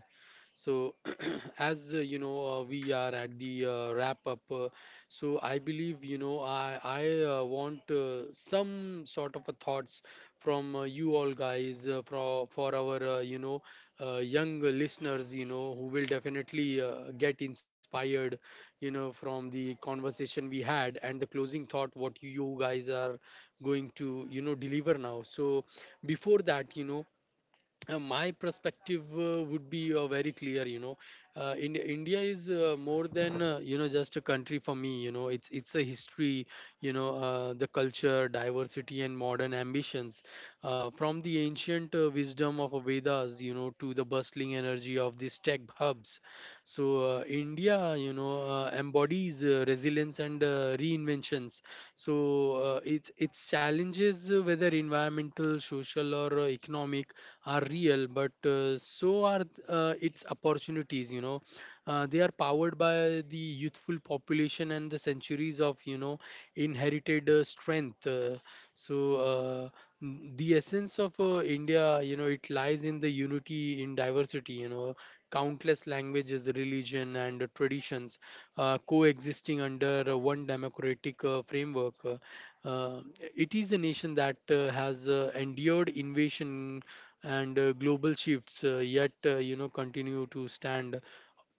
Speaker 1: So, as, you know, we are at the wrap up. So, I believe, you know, I want some sort of a thoughts from you all guys for our you know, young listeners, you know, who will definitely, get inspired, you know, from the conversation we had and the closing thought what you guys are going to, you know, deliver now. So before that, you know, my perspective would be very clear, you know. In india is more than, you know, just a country for me. You know, it's a history, you know, the culture, diversity, and modern ambitions, from the ancient wisdom of vedas, you know, to the bustling energy of these tech hubs. So india, you know, embodies resilience and reinventions. So its challenges, whether environmental, social, or economic, are real, but so are its opportunities. You know, they are powered by the youthful population and the centuries of, you know, inherited strength. So uh, the essence of India, you know, it lies in the unity in diversity. You know, countless languages, religion, and traditions coexisting under one democratic framework. Uh, it is a nation that has endured invasion and global shifts, yet, you know, continue to stand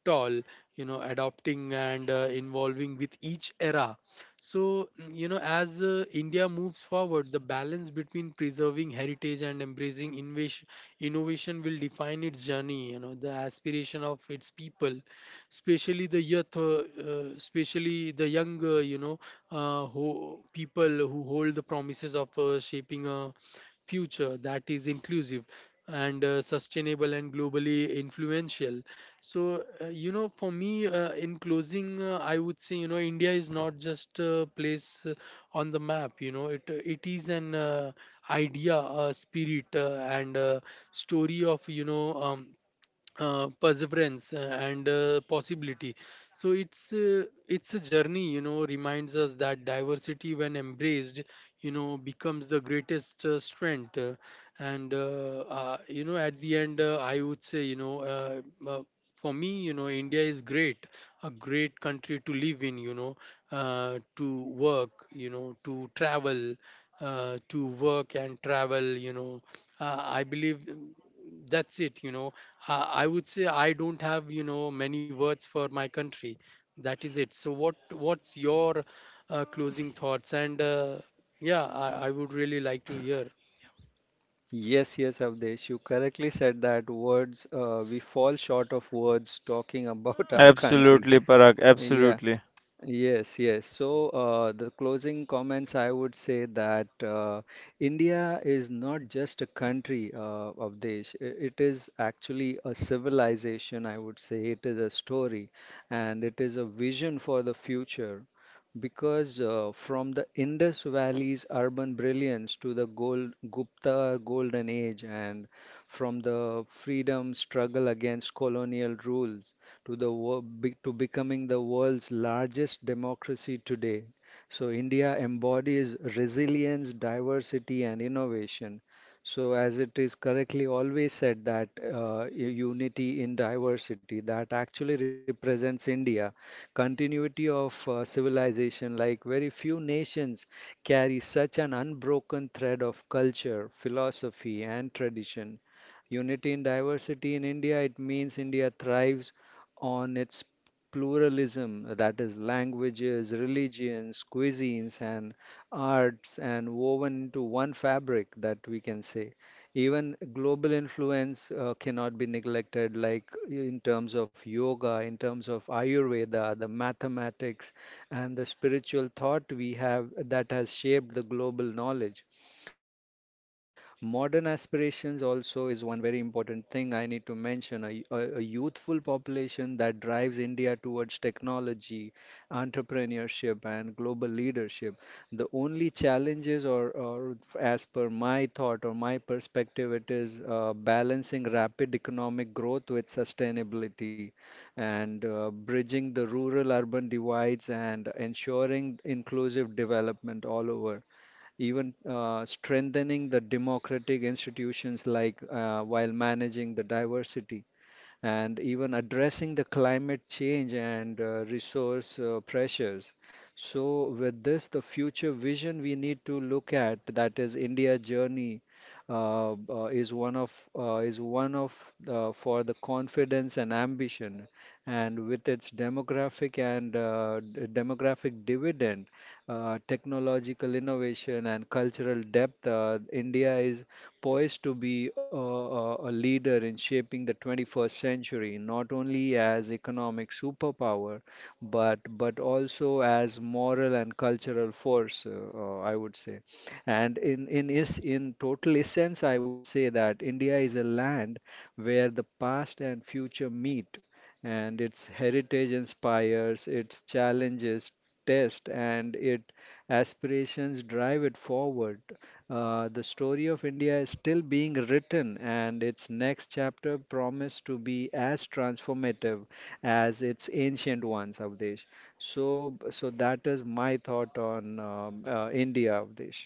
Speaker 1: tall, you know, adopting and involving with each era. So you know, as india moves forward, the balance between preserving heritage and embracing innovation, innovation will define its journey, you know. The aspiration of its people, especially the youth, especially the young, you know who people who hold the promises of shaping a future that is inclusive and sustainable and globally influential. So, you know, for me, in closing, I would say, you know, India is not just a place on the map. You know, it is an, idea, a spirit, and a story of, you know, perseverance and possibility. So it's a journey, you know, reminds us that diversity, when embraced, you know, becomes the greatest strength. And You know, at the end, I would say, you know, uh, for me, you know, india is great, a great country to live in, you know, to work, you know, to travel, to work and travel, you know. I believe that's it, you know. I would say I don't have, you know, many words for my country. That is it. So what what's your closing thoughts and yeah, I would really like to hear.
Speaker 2: yes, Avdesh. You correctly said that words. We fall short of words talking about our country.
Speaker 3: Absolutely, Parag.
Speaker 2: Yeah.
Speaker 3: Absolutely.
Speaker 2: Yes, yes. So, the closing comments, I would say that India is not just a country of Desh. It is actually a civilization, I would say. It is a story, and it is a vision for the future, because from the Indus Valley's urban brilliance to Gupta Golden Age, and from the freedom struggle against colonial rule to the to becoming the world's largest democracy today. So India embodies resilience, diversity, and innovation. So as it is correctly always said, that unity in diversity, that actually represents India, continuity of civilization. Like very few nations carry such an unbroken thread of culture, philosophy, and tradition. Unity in diversity in India, it means India thrives on its pluralism, that is, languages, religions, cuisines, and arts, and woven into one fabric, that we can say. Even global influence cannot be neglected, like in terms of yoga, in terms of Ayurveda, the mathematics, and the spiritual thought we have, that has shaped the global knowledge. Modern aspirations also is one very important thing I need to mention. A youthful population that drives India towards technology, entrepreneurship, and global leadership. The only challenges, or as per my thought or my perspective, it is balancing rapid economic growth with sustainability, and bridging the rural urban divides, and ensuring inclusive development all over, even strengthening the democratic institutions, like while managing the diversity, and even addressing the climate change, and resource pressures. So, with this, the future vision we need to look at, that is India journey, uh, uh, is one of is one of for the confidence and ambition, and with its demographic, and demographic dividend, technological innovation and cultural depth, India is poised to be a leader in shaping the 21st century, not only as economic superpower, but also as moral and cultural force. I would say, and in total essence, I would say, that India is a land where the past and future meet, and its heritage inspires, its challenges test, and its aspirations drive it forward. The story of India is still being written, and its next chapter promised to be as transformative as its ancient ones, Avdesh. So that is my thought on India, Avdesh.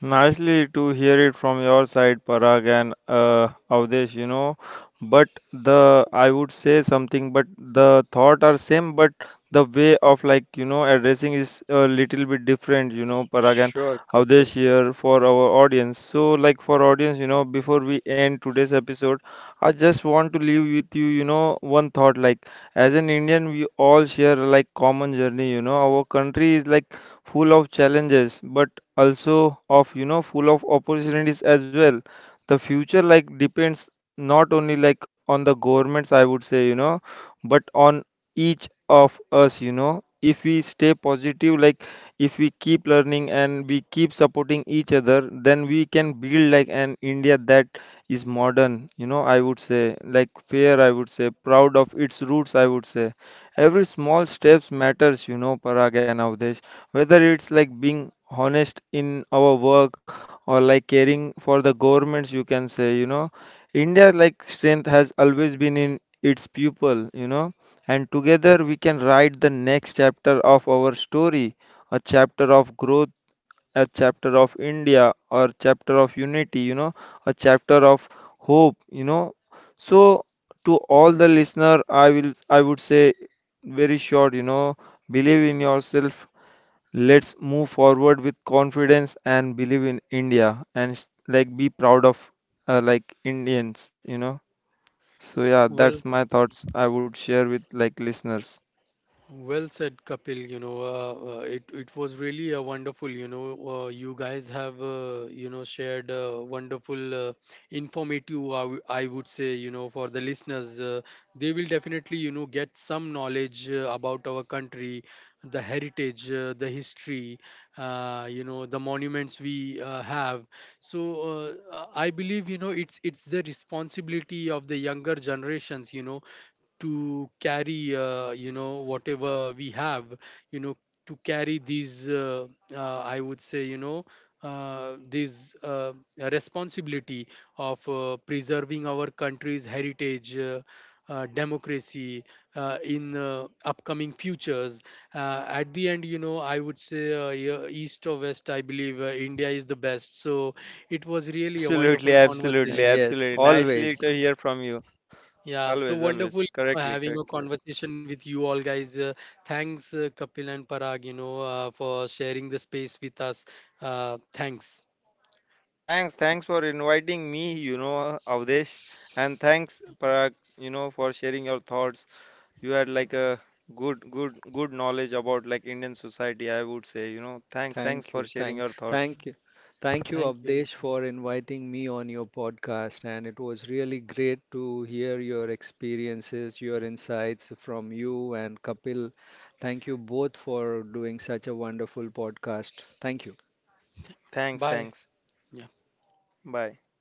Speaker 3: Nicely to hear it from your side, Parag and Avdesh, you know. But the I would say something, but the thought are same, but the way of like, you know, addressing is a little bit different, you know, Parag and
Speaker 2: Sure,
Speaker 3: Avdesh
Speaker 2: Kapil.
Speaker 3: here for our audience. So like for audience, you know, before we end today's episode, I just want to leave with you, you know, one thought like as an Indian, we all share like common journey, you know. Our country is like full of challenges, but also of, you know, full of opportunities as well. The future like depends not only like on the governments, I would say, you know, but on each of us, you know. If we stay positive, like if we keep learning and we keep supporting each other, then we can build like an India that is modern, you know, I would say like fair, I would say proud of its roots, I would say. Every small steps matters, you know, Parag and Avdesh. Whether it's like being honest in our work or like caring for the governments, you can say, you know, India like strength has always been in its people, you know, and together we can write the next chapter of our story, a chapter of growth, a chapter of India, or chapter of unity, you know, a chapter of hope, you know. So to all the listener, I would say very short, you know, believe in yourself. Let's move forward with confidence and believe in India and like be proud of like Indians, you know. So yeah, that's
Speaker 1: well
Speaker 3: my thoughts I would share with like listeners.
Speaker 1: Well said, Kapil. You know, it was really a wonderful. You know, you guys have, you know, shared wonderful, informative. I would say, you know, for the listeners, they will definitely, you know, get some knowledge about our country, the heritage, the history, you know, the monuments we have. So I believe, you know, it's the responsibility of the younger generations, you know, to carry, you know, whatever we have, you know, to carry these, I would say you know this responsibility of preserving our country's heritage, democracy in upcoming futures. At the end, you know, I would say, yeah, east or west, I believe, india is the best. So it was really a wonderful
Speaker 2: Mhm.
Speaker 1: conversation.
Speaker 2: Yes,
Speaker 3: Absolutely. Nicely
Speaker 2: always.
Speaker 3: to hear from you.
Speaker 1: Yeah,
Speaker 3: Always,
Speaker 1: so
Speaker 3: always.
Speaker 1: wonderful, you know,
Speaker 3: Correctly,
Speaker 1: having a
Speaker 3: correctly.
Speaker 1: conversation with you all guys. Thanks, Kapil and Parag, you know, for sharing the space with us. Thanks.
Speaker 3: Thanks for inviting me, you know, Avdesh, and thanks, Parag, you know, for sharing your thoughts. You had like a good knowledge about like Indian society, I would say, you know.
Speaker 2: Thank
Speaker 3: Thanks
Speaker 2: you.
Speaker 3: for
Speaker 2: Thank
Speaker 3: sharing your
Speaker 2: thank
Speaker 3: thoughts.
Speaker 2: you. Thank you,
Speaker 1: Thank you.
Speaker 2: Abdesh, for inviting me on your podcast. And it was really great to hear your experiences, your insights from you and Kapil. Thank you both for doing such a wonderful podcast. Thank you.
Speaker 1: Bye.
Speaker 3: Thanks.
Speaker 1: Yeah.
Speaker 3: Bye.